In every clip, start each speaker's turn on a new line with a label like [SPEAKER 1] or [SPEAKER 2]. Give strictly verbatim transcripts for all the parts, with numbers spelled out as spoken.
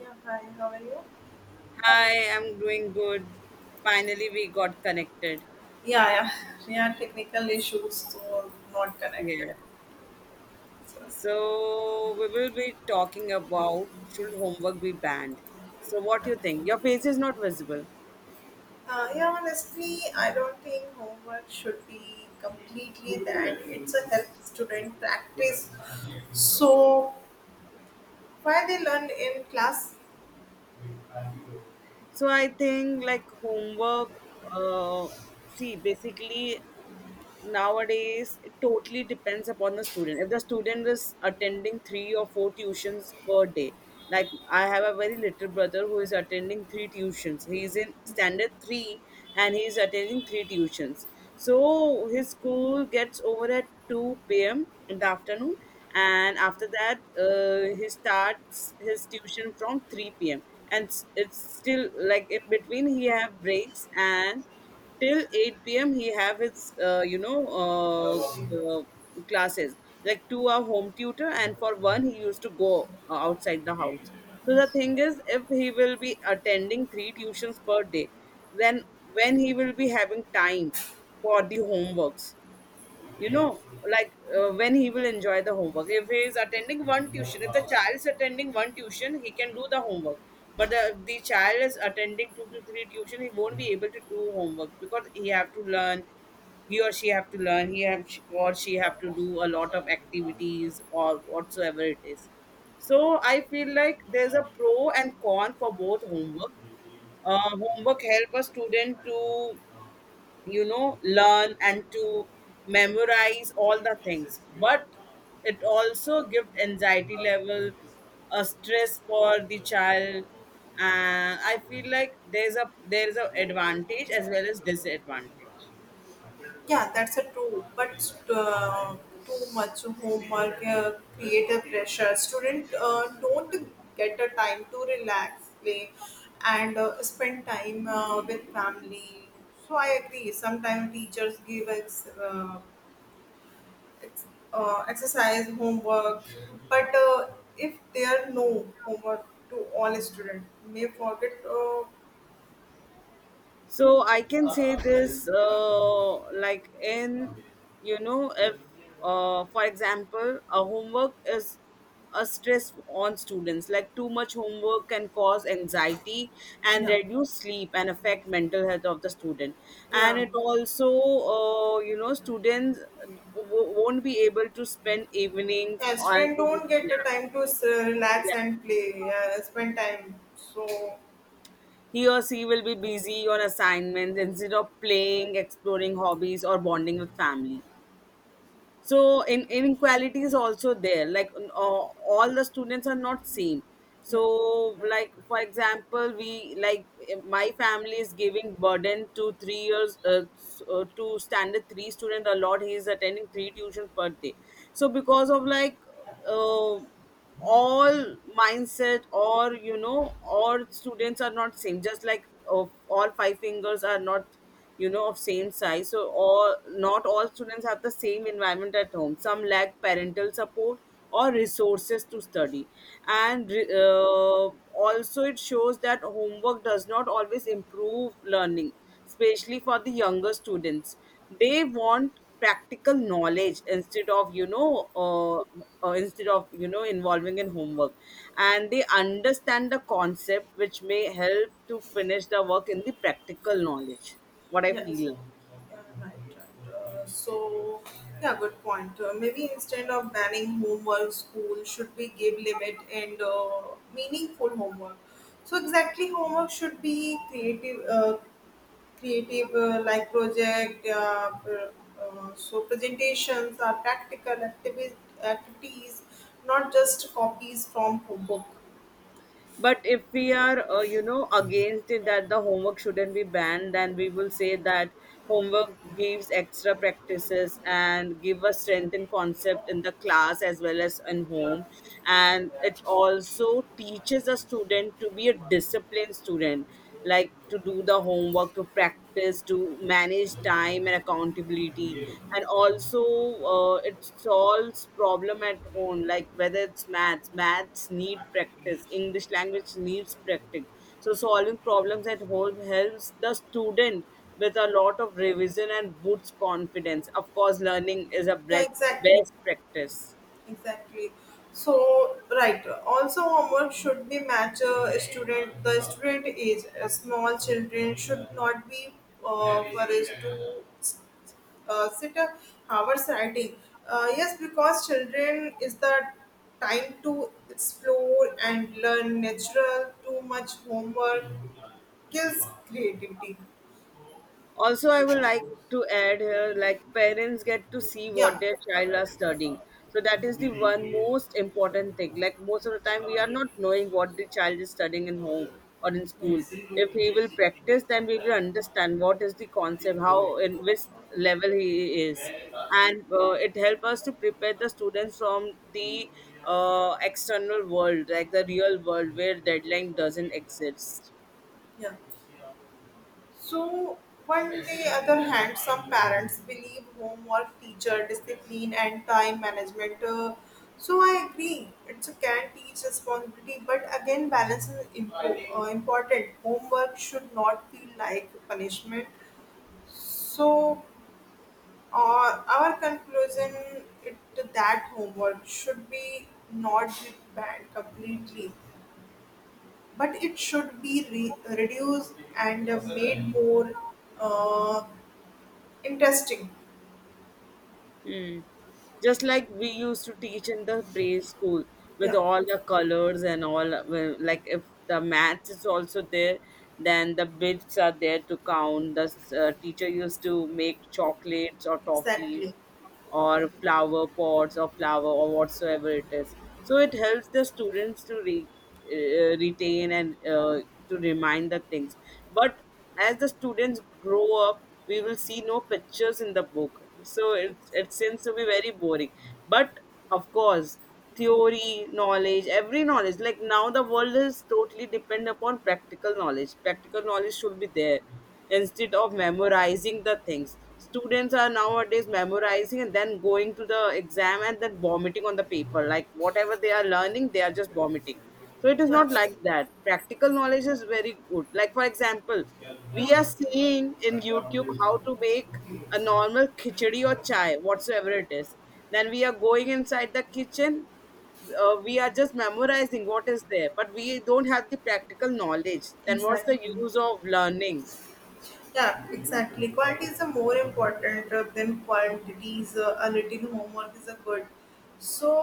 [SPEAKER 1] Yeah, hi, how are you?
[SPEAKER 2] Hi, I'm doing good. Finally, we got connected.
[SPEAKER 1] Yeah, yeah. We had technical issues, so not
[SPEAKER 2] Yeah.
[SPEAKER 1] connected. So,
[SPEAKER 2] So we will be talking about should homework be banned. So what do you think? Your face is not visible.
[SPEAKER 1] uh, yeah, honestly, I don't think homework should be completely that. It's a help student practice. So, why they learn in class.
[SPEAKER 2] So I think like homework. Uh, see, basically, nowadays, it totally depends upon the student. If the student is attending three or four tuitions per day, like I have a very little brother who is attending three tuitions. He is in standard three and he is attending three tuitions. So his school gets over at two p m in the afternoon, and after that, uh, he starts his tuition from three p m. And s- it's still like in between, he have breaks and till eight p m he have his uh, you know uh, uh, classes, like two are home tutor and for one he used to go uh, outside the house. So the thing is if he will be attending three tuitions per day, then when he will be having time for the homeworks, you know, like uh, when he will enjoy the homework. If he is attending one tuition, if the child is attending one tuition, he can do the homework, but the, the child is attending two to three tuition, he won't be able to do homework because he have to learn, he or she have to learn, he have or she have to do a lot of activities or whatsoever it is. So I feel like there's a pro and con for both homework. Uh, homework help a student to, you know, learn and to memorize all the things, but it also gives anxiety level, a stress for the child. And I feel like there's a there's a advantage as well as disadvantage.
[SPEAKER 1] Yeah, that's a true. But uh, too much homework, uh, create a pressure. Student uh, don't get a time to relax, play, and uh, spend time uh, with family. So I agree. Sometimes teachers give ex, uh, ex, uh, exercise homework, but uh, if there no homework to all students, may forget. Uh,
[SPEAKER 2] So I can say this, uh, like in, you know, if, uh, for example, a homework is a stress on students. Like too much homework can cause anxiety and
[SPEAKER 1] yeah,
[SPEAKER 2] reduce sleep and affect mental health of the student. And
[SPEAKER 1] yeah.
[SPEAKER 2] it also, uh, you know, students w- won't be able to spend evenings
[SPEAKER 1] Yeah,
[SPEAKER 2] on.
[SPEAKER 1] student don't get the
[SPEAKER 2] Yeah,
[SPEAKER 1] time to s- relax
[SPEAKER 2] yeah.
[SPEAKER 1] and play, yeah, spend time. So
[SPEAKER 2] He or she will be busy on assignments instead of playing, exploring hobbies, or bonding with family. So in inequality is also there. Like n- all all the students are not same. So
[SPEAKER 1] yeah,
[SPEAKER 2] like for example, we like eh, my family is giving burden to three years, uh, s- uh, to standard three student a lot. He is attending three tuitions per day. So because of like, uh, all mindset, or you know, all students are not same. Just like uh, all five fingers are not, you know, of same size. So all, not all students have the same environment at home. Some lack parental support or resources to study. and re- uh, Also it shows that homework does not always improve learning, especially for the younger students. They want practical knowledge instead of, you know, uh, uh, instead of, you know, involving in homework, and they understand the concept which may help to finish the work in the practical knowledge, what I
[SPEAKER 1] yes,
[SPEAKER 2] feel.
[SPEAKER 1] yeah, right, right. Uh, so yeah, good point. Uh, maybe instead of banning homework, school should be give limit and uh, meaningful homework. So exactly, homework should be creative, uh, creative uh, like project. Yeah, Uh, pr- uh, so presentations are practical activi- activities, not just copies from book.
[SPEAKER 2] But if we are, uh, you know, against it that the homework shouldn't be banned, then we will say that homework gives extra practices and give a strength in concept in the class as well as in home. And it also teaches a student to be a disciplined student, like to do the homework, to practice practice to manage time and accountability. And also uh, it solves problem at home, like whether it's maths maths need practice, english language needs practice. So solving problems at home helps the student with a lot of revision and boosts confidence. Of course learning is a
[SPEAKER 1] Yeah,
[SPEAKER 2] bre-
[SPEAKER 1] exactly,
[SPEAKER 2] best practice.
[SPEAKER 1] exactly. So, right. Also, homework should be match a student. The student age. Uh, Small children should not be uh, encouraged to uh, sit a hours writing. Uh, yes, because children is the time to explore and learn. Natural too much homework kills creativity.
[SPEAKER 2] Also, I would like to add here like parents get to see what
[SPEAKER 1] Yeah.
[SPEAKER 2] their child are studying. So that is the one most important thing. Like most of the time, we are not knowing what the child is studying in home or in school. If he will practice, then we will understand what is the concept, how in which level he is, and uh, it help us to prepare the students from the uh, external world, like the real world where deadline doesn't exist.
[SPEAKER 1] Yeah. So, on the other hand, some parents believe homework, teacher discipline, and time management. Uh, so, I agree, it's a can teach responsibility, but again, balance is impo- uh, important. Homework should not feel like punishment. So, uh, our conclusion it that homework should be not banned completely but it should be re- reduced and uh, made more uh, interesting.
[SPEAKER 2] Hmm. Just like we used to teach in the pre-school with
[SPEAKER 1] Yeah,
[SPEAKER 2] all the colors and all, well, like if the math is also there, then the bits are there to count. The uh, teacher used to make chocolates or toffees
[SPEAKER 1] exactly.
[SPEAKER 2] or flower pots or flower or whatsoever it is. So it helps the students to re, uh, retain and uh, to remind the things. But as the students grow up, we will see no pictures in the book. So it, it seems to be very boring. But of course, theory, knowledge, every knowledge, like now the world is totally depend upon practical knowledge. Practical knowledge should be there instead of memorizing the things. Students are nowadays memorizing and then going to the exam and then vomiting on the paper. Like whatever they are learning, they are just vomiting. So it is
[SPEAKER 1] Yeah,
[SPEAKER 2] not like that. Practical knowledge is very good. Like for example, we are seeing in YouTube how to make a normal khichdi or chai, whatsoever it is. Then we are going inside the kitchen. Uh, we are just memorizing what is there, but we don't have the practical knowledge. Then what's the
[SPEAKER 1] exactly.
[SPEAKER 2] use of learning?
[SPEAKER 1] Yeah, exactly. Quality is a more important uh, than quantity. Is uh, a little homework is a good. So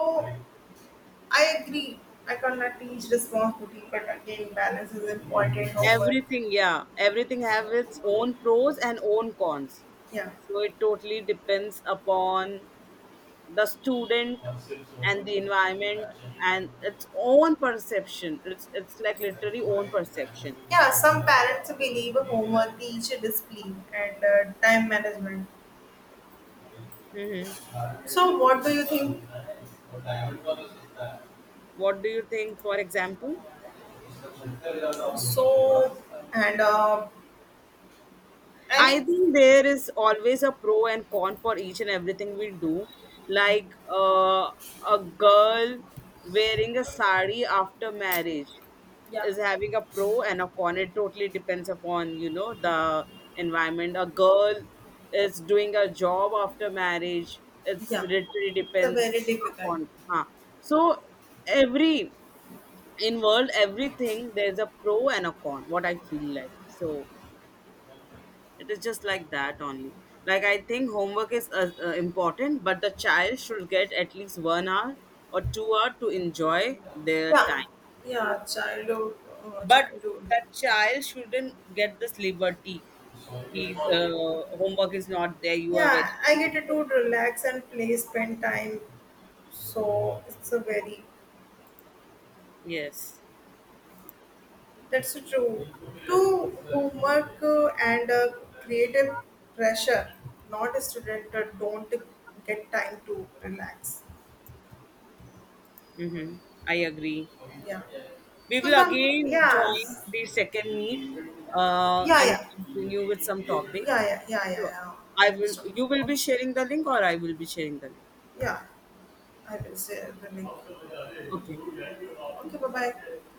[SPEAKER 1] I agree. I cannot teach responsibility, but again, balance is important. Homework.
[SPEAKER 2] Everything, yeah, everything have its own pros and own cons.
[SPEAKER 1] Yeah.
[SPEAKER 2] So it totally depends upon the student and the environment and its own perception. It's it's like literally own perception.
[SPEAKER 1] Yeah, some parents believe homework teach discipline and uh, time management.
[SPEAKER 2] Hmm.
[SPEAKER 1] So, what do you think?
[SPEAKER 2] What do you think, for example?
[SPEAKER 1] So, and uh, and
[SPEAKER 2] I
[SPEAKER 1] it's
[SPEAKER 2] think there is always a pro and con for each and everything we do. Like uh, a girl wearing a sari after marriage
[SPEAKER 1] yeah,
[SPEAKER 2] is having a pro and a con. It totally depends upon, you know, the environment. A girl is doing a job after marriage. It's
[SPEAKER 1] yeah,
[SPEAKER 2] literally
[SPEAKER 1] it's a very
[SPEAKER 2] depends
[SPEAKER 1] difficult.
[SPEAKER 2] upon. Huh. So every involved everything there's a pro and a con, what I feel like. So it is just like that only. Like I think homework is uh, uh, important, but the child should get at least one hour or two hour to enjoy their
[SPEAKER 1] Yeah,
[SPEAKER 2] time.
[SPEAKER 1] yeah, childhood, uh,
[SPEAKER 2] But
[SPEAKER 1] childhood.
[SPEAKER 2] the child shouldn't get this liberty, ki, uh, homework is not there, you are very
[SPEAKER 1] Yeah, I
[SPEAKER 2] free.
[SPEAKER 1] get to relax and play, spend time. So it's a very
[SPEAKER 2] Yes.
[SPEAKER 1] that's so true. To homework uh, and uh, creative pressure, not a student uh, don't get time to relax.
[SPEAKER 2] Mm-hmm. I agree.
[SPEAKER 1] Yeah.
[SPEAKER 2] We
[SPEAKER 1] So
[SPEAKER 2] will
[SPEAKER 1] some,
[SPEAKER 2] again
[SPEAKER 1] yeah,
[SPEAKER 2] join the second meet uh,
[SPEAKER 1] yeah,
[SPEAKER 2] and
[SPEAKER 1] yeah, yeah,
[SPEAKER 2] continue with some topic.
[SPEAKER 1] yeah, yeah, yeah,
[SPEAKER 2] So
[SPEAKER 1] yeah,
[SPEAKER 2] I will.
[SPEAKER 1] Next one.
[SPEAKER 2] You will be
[SPEAKER 1] Okay.
[SPEAKER 2] sharing the link, or I will be sharing the link.
[SPEAKER 1] Yeah, I will say the link.
[SPEAKER 2] Okay.
[SPEAKER 1] Okay. Bye bye.